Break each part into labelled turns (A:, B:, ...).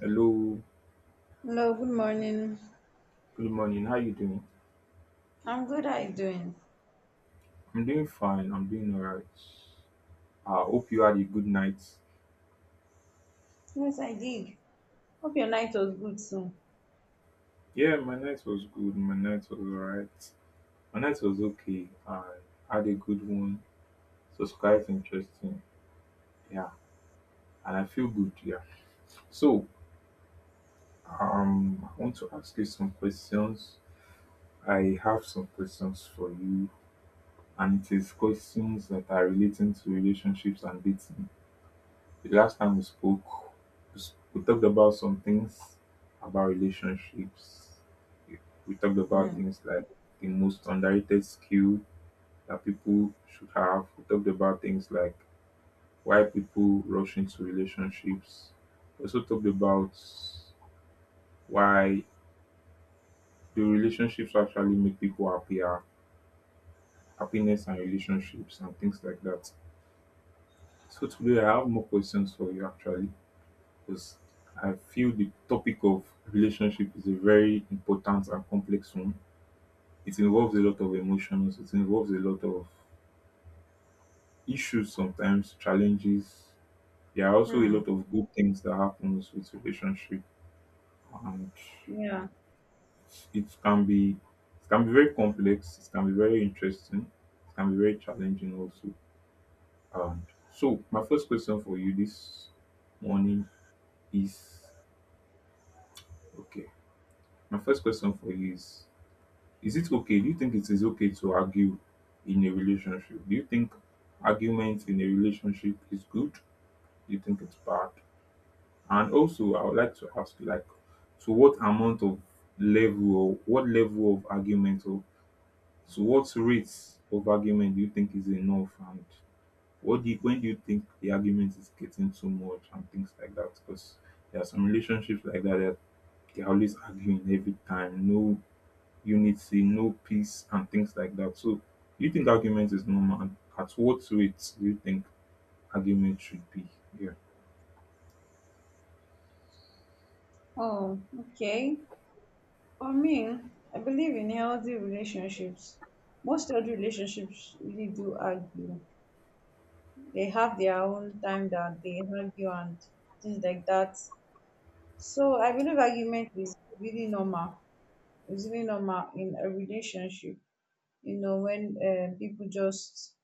A: Hello,
B: Hello, good morning.
A: good morning. How you doing?
B: I'm good. How you doing?
A: I'm doing fine. I'm doing all right. I hope you had a good night.
B: Yes, I did. Hope your night was good too.
A: Yeah, my night was good. My night was all right. My night was okay. I had a good one. So it's quite interesting. Yeah, and I feel good. Yeah. So I want to ask you some questions. I have some questions for you, and it is questions that are relating to relationships and dating. The last time we spoke, we talked about some things about relationships. We talked about
B: Hmm.
A: things like the most underrated skill that people should have. We talked about things like why people rush into relationships. We also talked about why do relationships actually make people happier, happiness and relationships and things like that. So today I have more questions for you actually, because I feel the topic of relationship is a very important and complex one. It involves a lot of emotions, it involves a lot of issues sometimes, challenges. There are also a
B: Hmm.
A: lot of good things that happens with relationship and
B: Yeah.
A: it can be very complex, it can be very interesting, it can be very challenging also. And so my first question for you this morning is okay. My first question for you is it okay? Do you think it is okay to argue in a relationship? Do you think argument in a relationship is good? Do you think it's bad? And also, I would like to ask, like, to what amount of level or what level of argument or to what rates of argument do you think is enough? And what do you, when do you think the argument is getting too much and things like that? Because there are some relationships like that that they're always arguing every time. No unity, no peace and things like that. So do you think argument is normal and at what rate do you think argument should be, yeah?
B: Oh, okay. For me, I believe in healthy relationships. Most healthy relationships really do argue. They have their own time that they argue and things like that. So I believe argument is really normal. It's really normal in a relationship. You know, when people just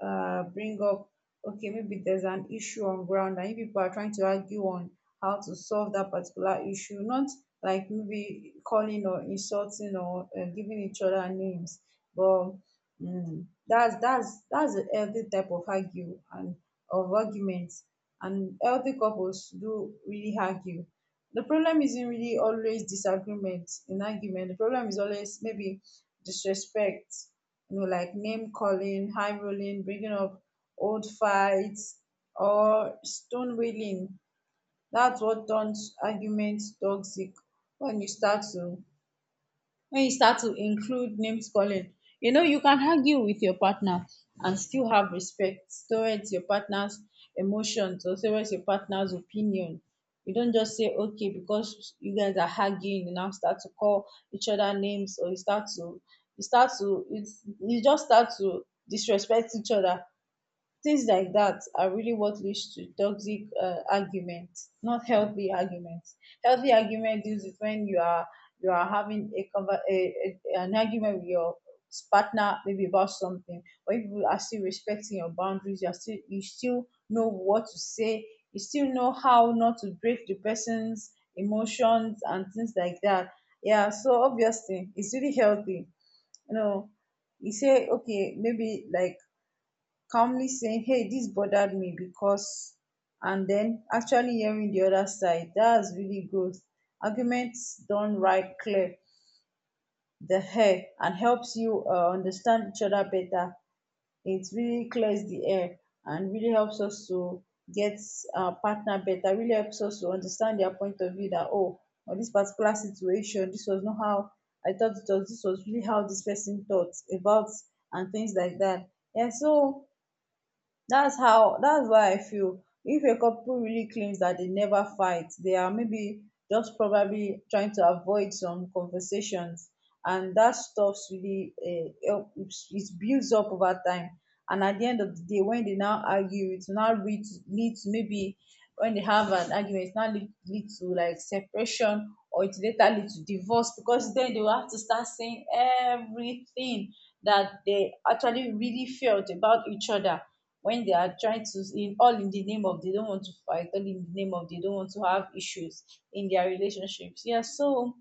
B: bring up, okay, maybe there's an issue on ground and you people are trying to argue on how to solve that particular issue, not like maybe calling or insulting or giving each other names, but that's a healthy type of argue and of arguments. And healthy couples do really argue. The problem isn't really always disagreement in argument. The problem is always maybe disrespect, like name calling, high rolling, bringing up old fights, or stone wailing. That's what turns arguments toxic when you start to include name calling. You know, you can argue with your partner and still have respect towards your partner's emotions or towards your partner's opinion. You don't just say okay because you guys are arguing you now start to call each other names, or you start to you start to you, you just start to disrespect each other. Things like that are really what leads to toxic arguments, not healthy arguments. Healthy argument is when you are having a, conver- a an argument with your partner maybe about something, but if you are still respecting your boundaries, you still know what to say, you still know how not to break the person's emotions and things like that. Yeah, so obviously it's really healthy. You know, you say okay, maybe like calmly saying, hey, this bothered me because, and then actually hearing the other side, that's really growth. Arguments done right clear the air and helps you understand each other better. It really clears the air and really helps us to get our partner better, really helps us to understand their point of view, that, oh, on this particular situation this was not how I thought it was, this was really how this person thought about, and things like that. Yeah, so that's why I feel if a couple really claims that they never fight, they are maybe just probably trying to avoid some conversations, and that stuffs really help, it builds up over time, and at the end of the day when they now argue it will now lead to, maybe when they have an argument it now lead to like separation, or it later lead to divorce, because then they will have to start saying everything that they actually really felt about each other, when they are trying to, in all in the name of they don't want to fight, all in the name of they don't want to have issues in their relationships. Yeah, so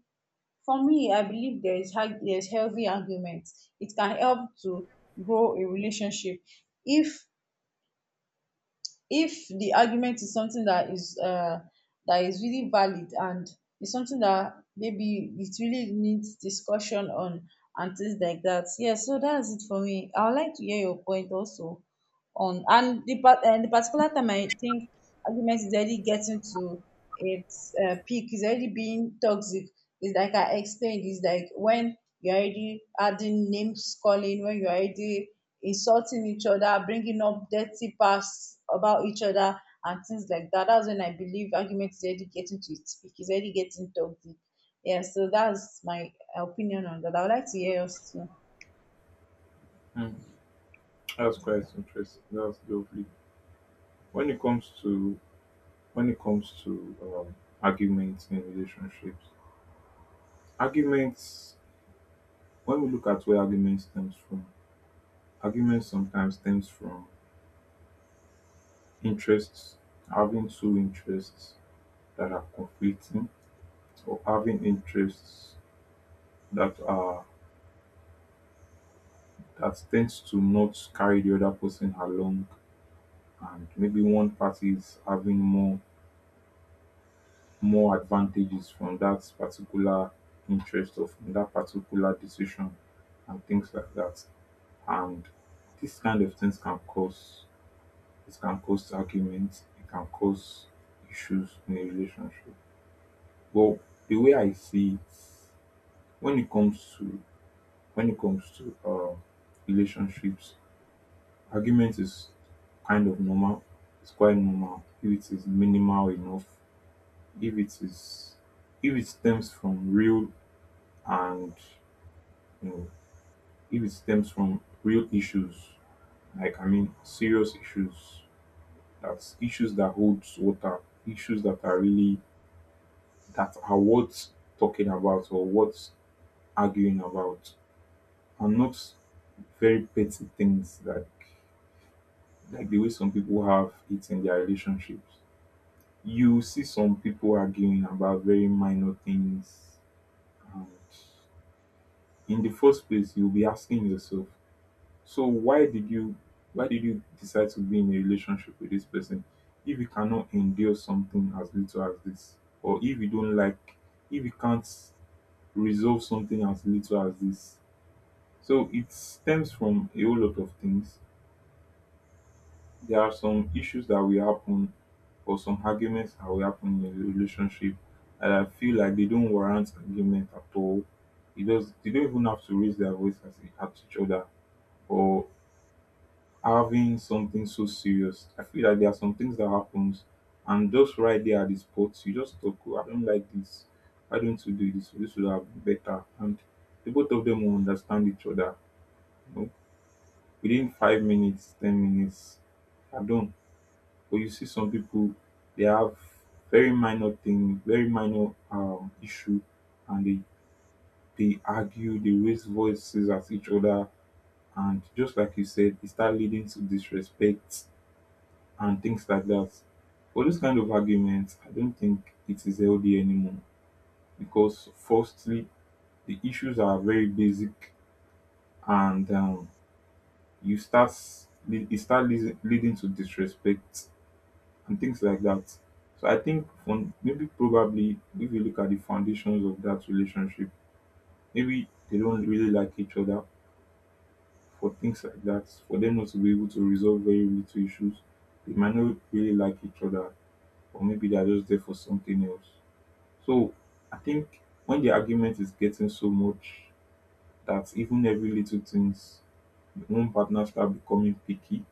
B: for me, I believe there's healthy arguments. It can help to grow a relationship if the argument is something that is really valid, and it's something that maybe it really needs discussion on and things like that. Yeah, so that's it for me. I would like to hear your point also on and the particular time. I think argument is already getting to its peak, is already being toxic. It's like I explained. It's like when you're already adding names calling, when you're already insulting each other, bringing up dirty past about each other, and things like that, that's when I believe argument is already getting to its peak. It's already getting toxic. Yeah, so that's my opinion on that. I would like to hear yours too.
A: Hmm, that's quite interesting, that's lovely. When it comes to when it comes to arguments in relationships, arguments, when we look at where argument stems from, argument sometimes stems from interests, having two interests that are conflicting, or having interests that are, that tends to not carry the other person along, and maybe one party is having more more advantages from that particular interest of that particular decision and things like that. And this kind of things can cause, it can cause arguments, it can cause issues in a relationship. But the way I see it, when it comes to when it comes to relationships, argument is kind of normal. It's quite normal if it is minimal enough, if it is, if it stems from real and, you know, if it stems from real issues, like I mean serious issues, that's issues that holds water, issues that are really, that are worth talking about or worth arguing about, and not very petty things like the way some people have it in their relationships. You see some people arguing about very minor things, and in the first place you'll be asking yourself, so why did you, why did you decide to be in a relationship with this person if you cannot endure something as little as this, or if you don't like, if you can't resolve something as little as this. So it stems from a whole lot of things. There are some issues that will happen, or some arguments that will happen in a relationship, and I feel like they don't warrant argument at all. It does, they don't even have to raise their voice at each other or having something so serious. I feel like there are some things that happens, and just right there at the spot, you just talk, oh, I don't like this. Why don't you do this? This would have been better. And the both of them will understand each other. You know, within 5 minutes, 10 minutes, are done. But you see some people, they have very minor thing, very minor issue, and they argue, they raise voices at each other, and just like you said, it start leading to disrespect and things like that. But this kind of argument, I don't think it is healthy anymore because firstly, the issues are very basic, and you start, it start leading to disrespect and things like that. So I think from, maybe probably if you look at the foundations of that relationship, maybe they don't really like each other for things like that. For them not to be able to resolve very little issues, they might not really like each other, or maybe they are just there for something else. So I think when the argument is getting so much that even every little things, one partner start becoming picky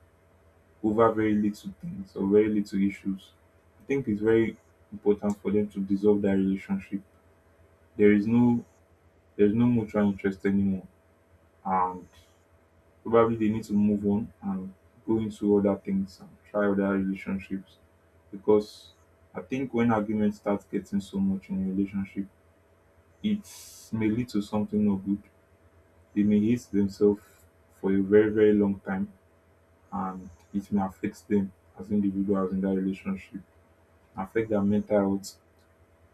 A: over very little things or very little issues, I think it's very important for them to dissolve that relationship. There is no, there's no mutual interest anymore. And probably they need to move on and go into other things and try other relationships. Because I think when argument starts getting so much in a relationship, it may lead to something not good. They may hate themselves for a very, very long time, and it may affect them as individuals in that relationship, affect their mental health,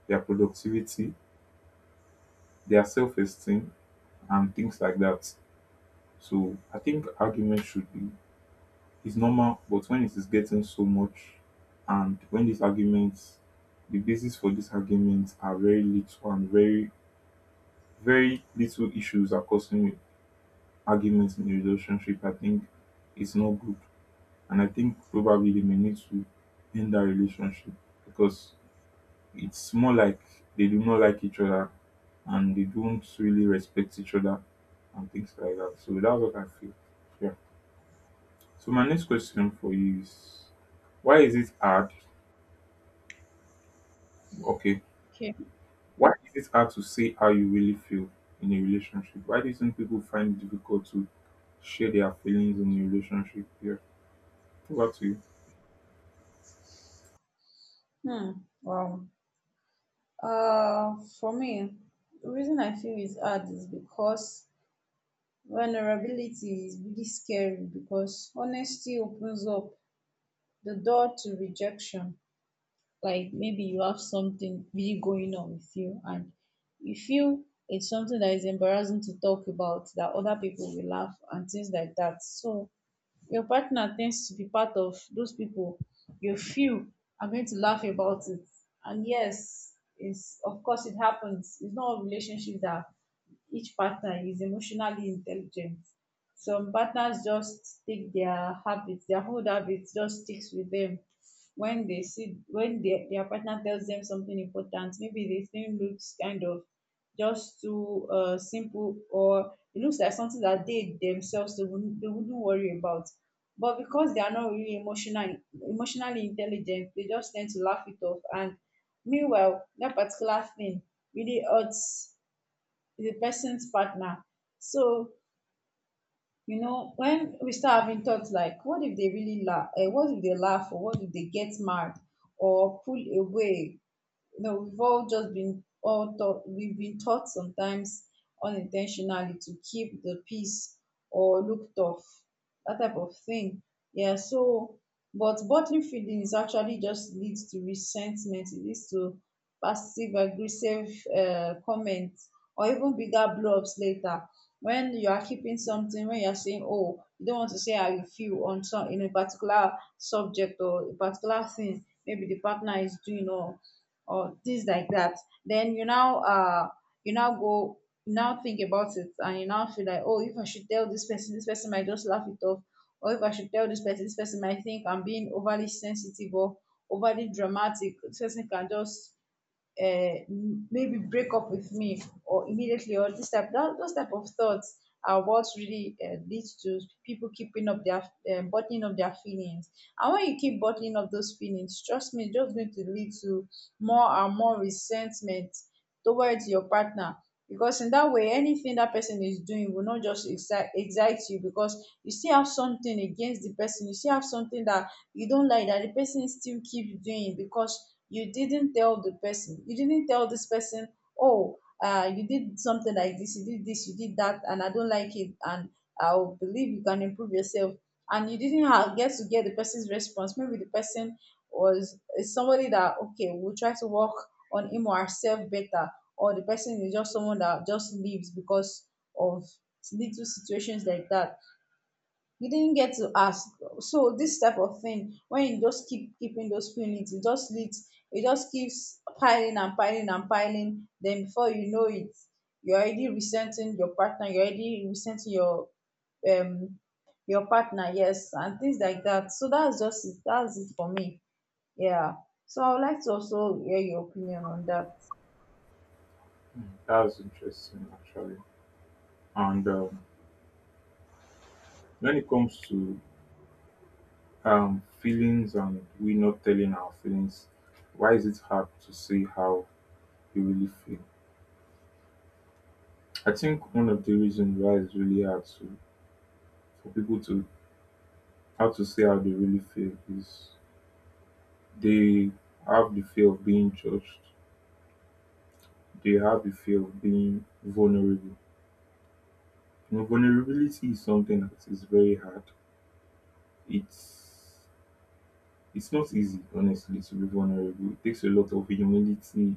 A: their productivity, their self-esteem and things like that. So I think argument should be, it's normal, but when it is getting so much, and when these arguments, the basis for these arguments are very little, and very very little issues are causing arguments in a relationship, I think it's not good. And I think probably they may need to end that relationship, because it's more like they do not like each other and they don't really respect each other and things like that. So that's what I feel. Yeah. So my next question for you is, why is it hard? Okay.
B: Okay.
A: Why is it hard to say how you really feel in a relationship? Why do you think people find it difficult to share their feelings in a relationship? Yeah. Over to you.
B: Hmm. Wow. For me, the reason I feel it's hard is because vulnerability is really scary, because honesty opens up the door to rejection. Like, maybe you have something really going on with you and you feel it's something that is embarrassing to talk about, that other people will laugh and things like that. So your partner tends to be part of those people you feel are going to laugh about it. And yes, it's, of course it happens. It's not all relationships that each partner is emotionally intelligent. Some partners just take their habits, their old habits just sticks with them. When they see when their partner tells them something important, maybe the thing looks kind of just too simple, or it looks like something that they themselves they wouldn't worry about, but because they are not really emotionally intelligent, they just tend to laugh it off, and meanwhile that particular thing really hurts the person's partner. So, you know, when we start having thoughts like, what if they really laugh? What if they laugh? Or what if they get mad or pull away? You know, we've been taught sometimes unintentionally to keep the peace or look tough, that type of thing. Yeah, so, but bottling feelings actually just leads to resentment, it leads to passive aggressive comments, or even bigger blow ups later. When you are keeping something, when you are saying, oh, you don't want to say how you feel on some in a particular subject or a particular thing maybe the partner is doing, or things like that, then you now go you now think about it, and you now feel like, oh, if I should tell this person might just laugh it off, or if I should tell this person might think I'm being overly sensitive or overly dramatic, this person can just uh, maybe break up with me or immediately, or those type of thoughts are what really leads to people keeping up their bottling up their feelings. And when you keep bottling up those feelings, trust me, it's just going to lead to more and more resentment towards your partner, because in that way anything that person is doing will not just excite you, because you still have something against the person, you still have something that you don't like that the person still keeps doing, because you didn't tell the person, you didn't tell this person, oh, you did something like this, you did this, you did that, and I don't like it, and I will believe you can improve yourself. And you didn't get to get the person's response. Maybe the person was is somebody that, okay, we'll try to work on him or herself better, or the person is just someone that just leaves because of little situations like that. You didn't get to ask. So this type of thing, when you just keeping those feelings, it just keeps piling and piling and piling. Then before you know it, you're already resenting your partner, you're already resenting um your partner, yes, and things like that. So that's just it, that's it for me. Yeah, so I would like to also hear your opinion on that.
A: That's interesting actually. And when it comes to feelings and we not telling our feelings, why is it hard to say how you really feel? I think one of the reasons why it's really hard to, for people to, how to say how they really feel is, they have the fear of being judged. They have the fear of being vulnerable. You know, vulnerability is something that is very hard. It's it's not easy, honestly, to be vulnerable. It takes a lot of humility.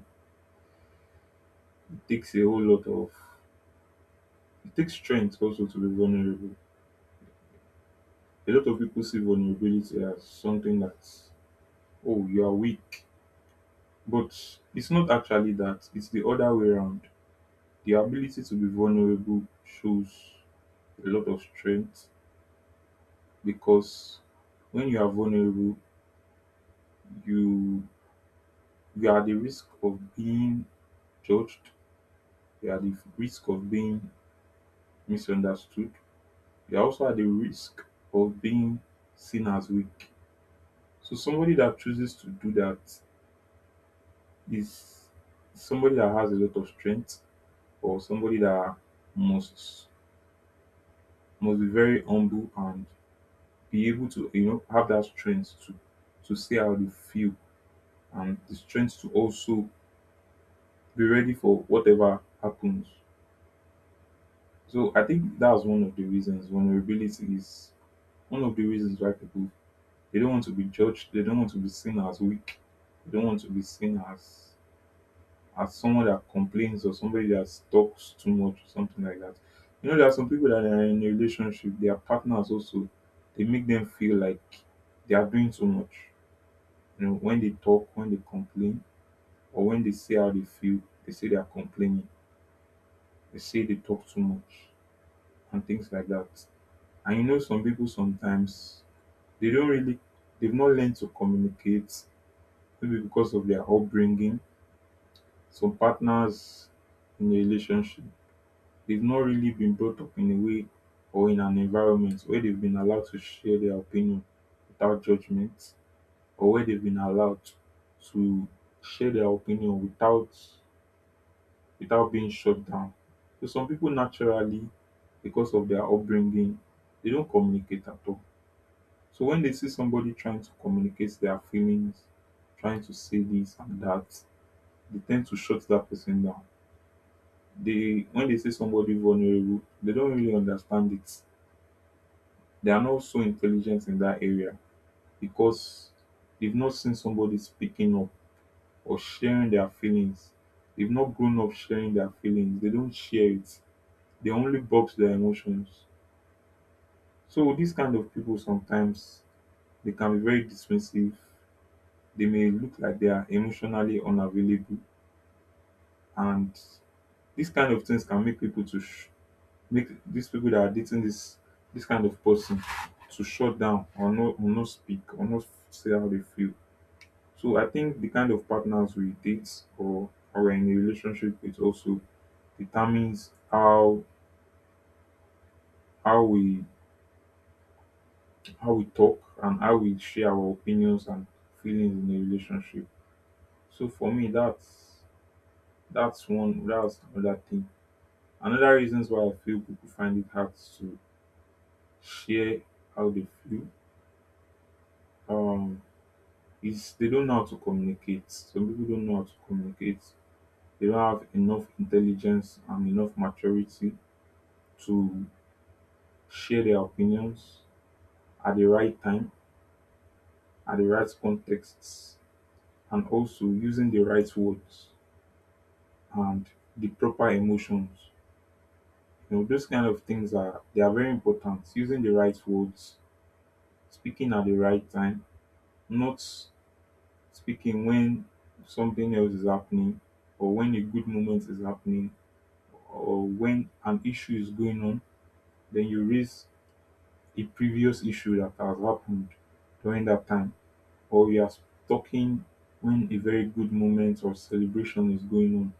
A: It takes a whole lot of, it takes strength also to be vulnerable. A lot of people see vulnerability as something that's, oh, you are weak. But it's not actually that, it's the other way around. The ability to be vulnerable shows a lot of strength, because when you are vulnerable, you you are at the risk of being judged, you are at the risk of being misunderstood, you are also at the risk of being seen as weak. So somebody that chooses to do that is somebody that has a lot of strength, or somebody that must must be very humble and be able to, you know, have that strength to see how they feel, and the strength to also be ready for whatever happens. So I think that's one of the reasons vulnerability is, one of the reasons why people, they don't want to be judged, they don't want to be seen as weak, they don't want to be seen as someone that complains or somebody that talks too much or something like that. You know, there are some people that are in a relationship, their partners also, they make them feel like they are doing too much. You know, when they talk, when they complain, or when they say how they feel, they say they are complaining, they say they talk too much, and things like that. And you know, some people sometimes they don't really, they've not learned to communicate, maybe because of their upbringing. Some partners in a relationship, they've not really been brought up in a way or in an environment where they've been allowed to share their opinion without judgment, or where they've been allowed to share their opinion without, without being shut down. So some people naturally, because of their upbringing, they don't communicate at all. So when they see somebody trying to communicate their feelings, trying to say this and that, they tend to shut that person down. They, when they see somebody vulnerable, they don't really understand it, they are not so intelligent in that area, because they've not seen somebody speaking up or sharing their feelings. They've not grown up sharing their feelings. They don't share it. They only box their emotions. So these kind of people sometimes they can be very dismissive. They may look like they are emotionally unavailable, and these kind of things can make people to make these people that are dating this kind of person to shut down or not speak or not say how they feel. So I think the kind of partners we date or are in a relationship with also determines how we how we talk and how we share our opinions and feelings in a relationship. So for me, that's one that's another thing. Another reasons why I feel people find it hard to share how they feel um is they don't know how to communicate. Some people don't know how to communicate. They don't have enough intelligence and enough maturity to share their opinions at the right time, at the right contexts, and also using the right words and the proper emotions. You know, those kind of things are they are very important. Using the right words, speaking at the right time, not speaking when something else is happening or when a good moment is happening or when an issue is going on, then you raise a previous issue that has happened during that time or you are talking when a very good moment or celebration is going on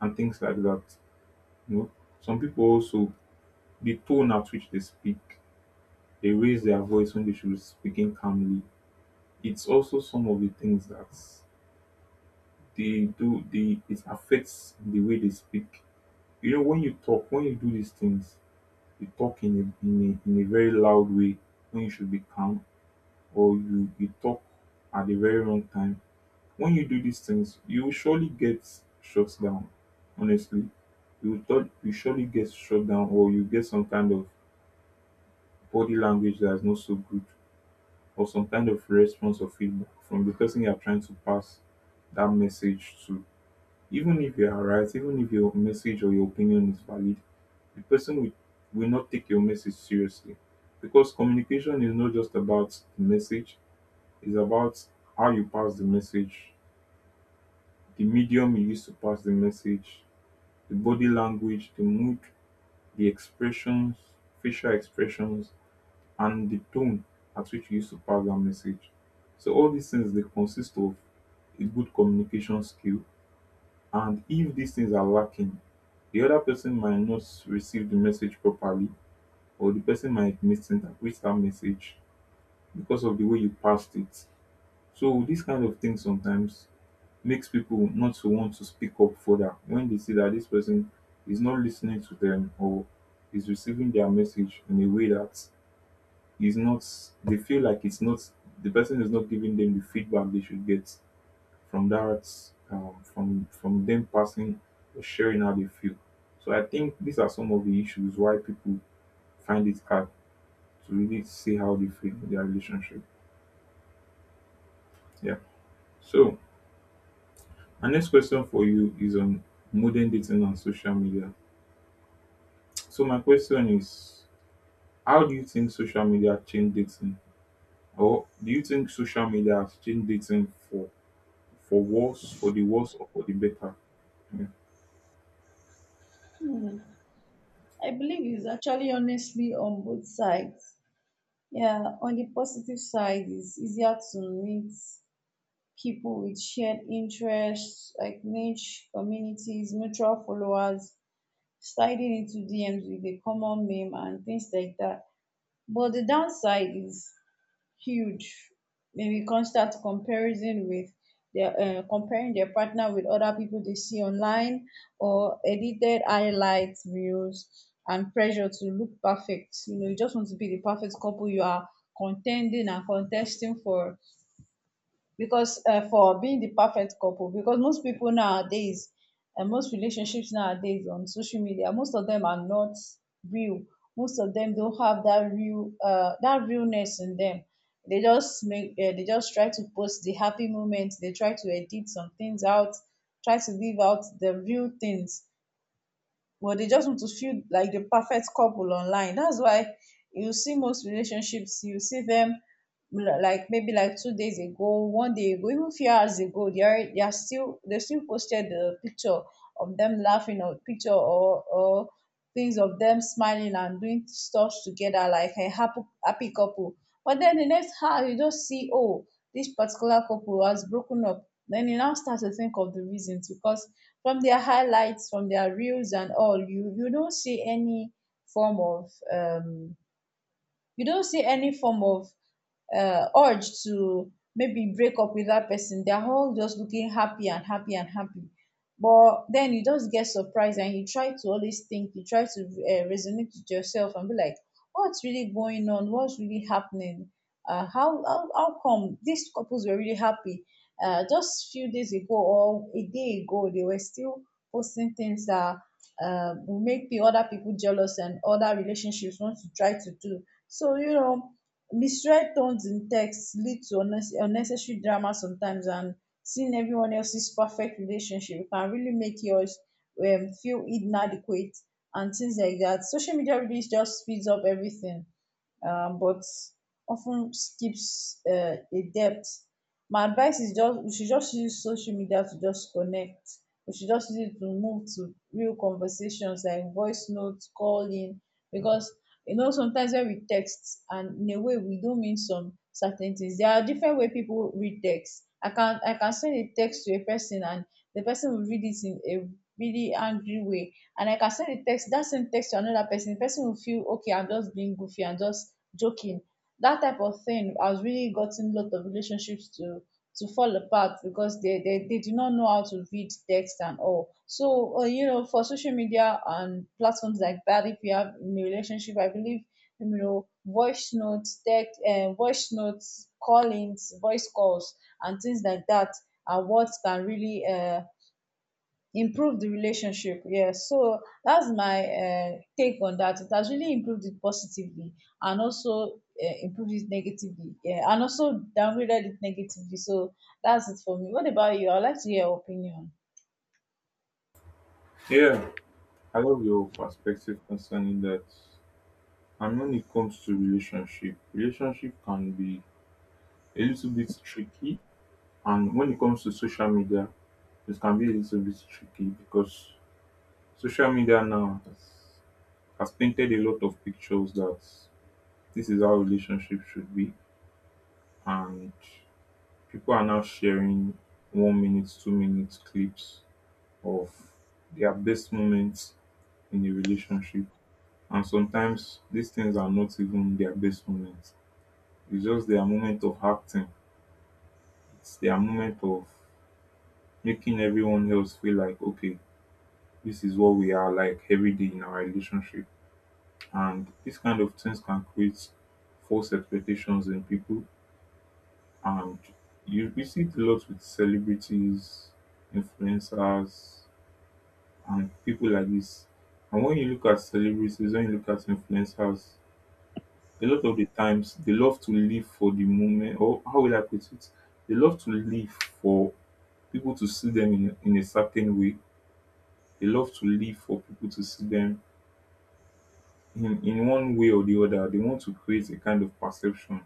A: and things like that. You know, some people also, the tone at which they speak, they raise their voice when they should be speaking calmly. It's also some of the things that they do. They it affects the way they speak. You know, when you talk, when you do these things, you talk in a very loud way when you should be calm, or you talk at the very wrong time. When you do these things, you will surely get shut down. Honestly, you will thought you surely get shut down, or you get some kind of body language that's not so good, or some kind of response or feedback from the person you are trying to pass that message to. Even if you are right, even if your message or your opinion is valid, the person will not take your message seriously, because communication is not just about the message. It's about how you pass the message. The medium you use to pass the message, the body language, the mood, the expressions, facial expressions, and the tone at which you use to pass that message. So all these things, they consist of a good communication skill. And if these things are lacking, the other person might not receive the message properly, or the person might misinterpret that message because of the way you passed it. So these kind of things sometimes makes people not to want to speak up further when they see that this person is not listening to them or is receiving their message in a way that is not, they feel like it's not, the person is not giving them the feedback they should get from that, from them passing or sharing how they feel. So I think these are some of the issues why people find it hard to really see how they feel in their relationship. Yeah. So our next question for you is on modern dating and social media. So my question is, how do you think social media changed dating? Or do you think social media has changed dating for worse, for the worse, or for the better? Yeah.
B: I believe it's actually honestly on both sides. Yeah, on the positive side, it's easier to meet people with shared interests like niche communities, mutual followers, sliding into DMs with a common meme and things like that. But the downside is huge. Maybe constant comparison with their comparing their partner with other people they see online, or edited highlights reels and pressure to look perfect. You know, you just want to be the perfect couple, you are contending and contesting for, because for being the perfect couple, because most people nowadays and most relationships nowadays on social media, most of them are not real, most of them don't have that real that realness in them. They just try to post the happy moments. They try to edit some things out, try to leave out the real things, but they just want to feel like the perfect couple online. That's why you see most relationships, you see them like, maybe like, 2 days ago, one day ago, even few hours ago, they still posted the picture of them laughing, or picture or things of them smiling and doing stuff together like a happy happy couple. But then the next hour you just see, oh, this particular couple has broken up. Then you now start to think of the reasons, because from their highlights, from their reels and all, you don't see any form of um, form of urge to maybe break up with that person. They're all just looking happy and happy and happy. But then you just get surprised and you try to resonate with yourself and be like, what's really going on? What's really happening? How come these couples were really happy? Just few days ago or a day ago, they were still posting things that will make the other people jealous and other relationships want to try to do. So, you know, misread tones in texts lead to unnecessary drama sometimes, and seeing everyone else's perfect relationship can really make yours feel inadequate and things like that. Social media really just speeds up everything, but often skips a depth. My advice is, just, we should just use social media to just connect. We should just use it to move to real conversations like voice notes, calling, because you know sometimes when we text and in a way we do mean some certain things. There are different way people read text. I can send a text to a person and the person will read it in a really angry way, and like I can send the text, that same text, to another person, the person will feel okay, I'm just being goofy, I'm just joking. That type of thing has really gotten a lot of relationships to fall apart because they do not know how to read text and all. So, you know, for social media and platforms like that, if you have in a relationship, I believe, you know, voice notes, text, voice notes, callings, voice calls, and things like that are what can really improve the relationship. Yeah, so that's my take on that. It has really improved it positively, and also improved it negatively. Yeah, and also downgraded it negatively. So that's it for me. What about you? I'd like to hear your opinion.
A: Yeah, I love your perspective concerning that. And when it comes to relationship can be a little bit tricky. And when it comes to social media, it can be a little bit tricky because social media now has painted a lot of pictures that this is how relationship should be. And people are now sharing 1 minute, 2 minute clips of their best moments in a relationship. And sometimes these things are not even their best moments. It's just their moment of acting. It's their moment of making everyone else feel like, okay, this is what we are like every day in our relationship. And these kind of things can create false expectations in people. And we see it a lot with celebrities, influencers, and people like this. And when you look at celebrities, when you look at influencers, a lot of the times they love to live for the moment, or how will I put it? They love to live for people to see them in a certain way. They love to live for people to see them in one way or the other. They want to create a kind of perception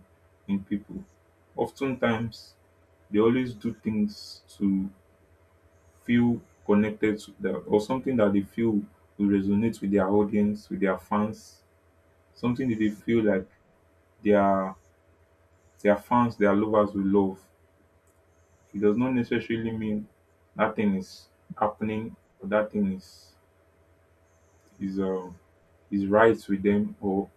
A: in people. Oftentimes, they always do things to feel connected to that, or something that they feel will resonate with their audience, with their fans. Something that they feel like their their fans, their lovers will love. It does not necessarily mean that thing is happening, or that thing is um is right with them, or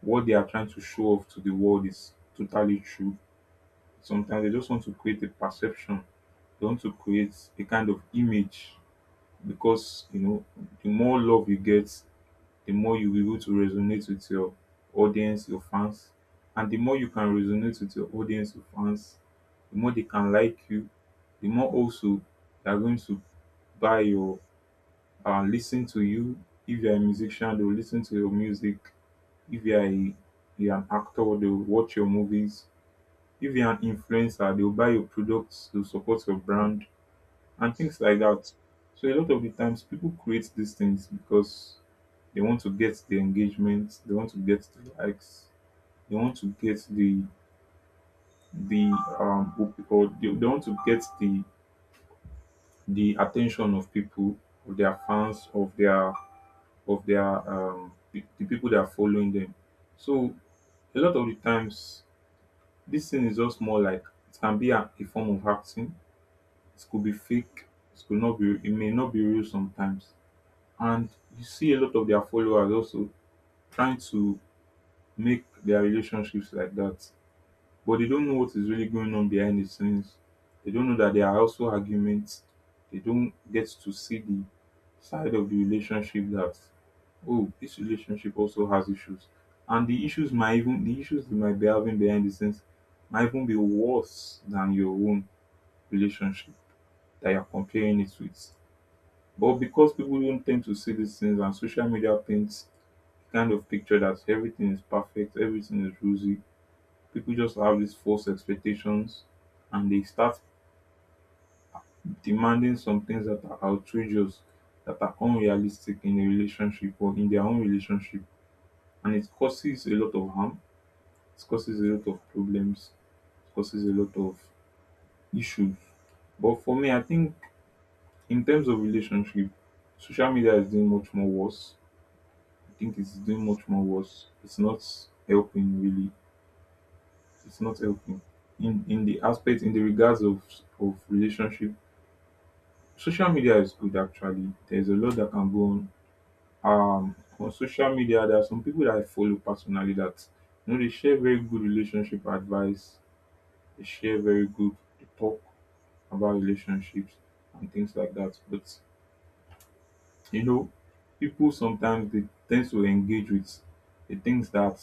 A: what they are trying to show off to the world is totally true. Sometimes they just want to create a perception. They want to create a kind of image, because you know, the more love you get, the more you'll be able to resonate with your audience, your fans. And the more you can resonate with your audience, your fans, the more they can like you, the more also they're going to buy your listen to you. If you're a musician, they'll listen to your music. If you're an actor, they'll watch your movies. If you're an influencer, they'll buy your products, they'll support your brand, and things like that. So a lot of the times people create these things because they want to get the engagement, they want to get the likes, they want to get the what we call they want to get the attention of people, of their fans, of the people that are following them. So a lot of the times, this thing is just more like, it can be a form of acting, it could be fake, it may not be real sometimes. And you see a lot of their followers also trying to make their relationships like that, but they don't know what is really going on behind the scenes. They don't know that there are also arguments. They don't get to see the side of the relationship that, oh, this relationship also has issues. And the issues they might be having behind the scenes might even be worse than your own relationship that you're comparing it with. But because people don't tend to see these things and social media paints a kind of picture that everything is perfect, everything is rosy, people just have these false expectations, and they start demanding some things that are outrageous, that are unrealistic in a relationship or in their own relationship. And it causes a lot of harm, it causes a lot of problems, it causes a lot of issues. But for me, I think in terms of relationship, social media is doing much more worse. I think it's doing much more worse. It's not helping really. It's not helping in the aspect, in the regards of relationship. Social media is good actually. There's a lot that can go on. On social media, there are some people that I follow personally that, you know, they share very good relationship advice. They share very good they talk about relationships and things like that. But you know, people sometimes they tend to engage with the things that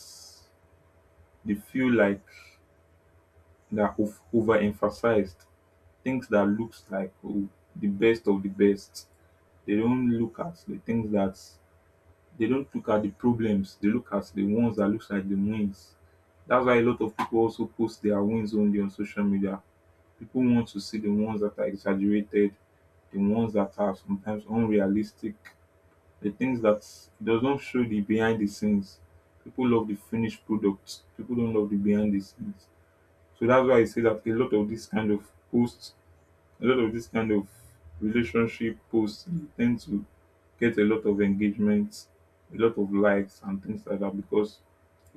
A: they feel like that overemphasized, things that looks like, oh, the best of the best. They don't look at the things that They don't look at the problems, they look at the ones that looks like the wins. That's why a lot of people also post their wins only on social media. People want to see the ones that are exaggerated, the ones that are sometimes unrealistic, the things that doesn't show the behind the scenes. People love the finished products. People don't love the behind the scenes. So that's why I say that posts a lot of this kind of relationship posts, they tend to get a lot of engagement, a lot of likes and things like that, because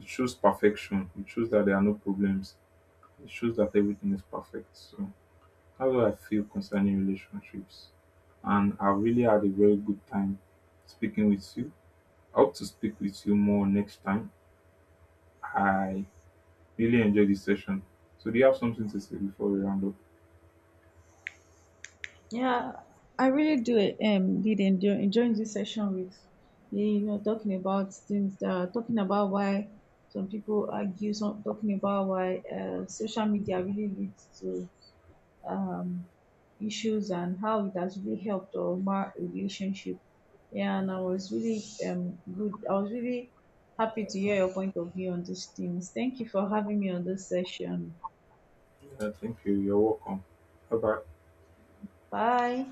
A: it shows perfection. It shows that there are no problems. It shows that everything is perfect. So that's what I feel concerning relationships. And I really had a very good time speaking with you. I hope to speak with you more next time. I really enjoyed this session. So do you have something to say before we round up?
B: Yeah, I really do did enjoy enjoying this session with you. You know, talking about things that are talking about why some people argue, some talking about why social media really leads to um, issues, and how it has really helped our relationship. Yeah, and I was really um, good. I was really happy to hear your point of view on these things. Thank you for having me on this session.
A: Yeah, thank you. You're welcome. Bye bye.
B: Bye.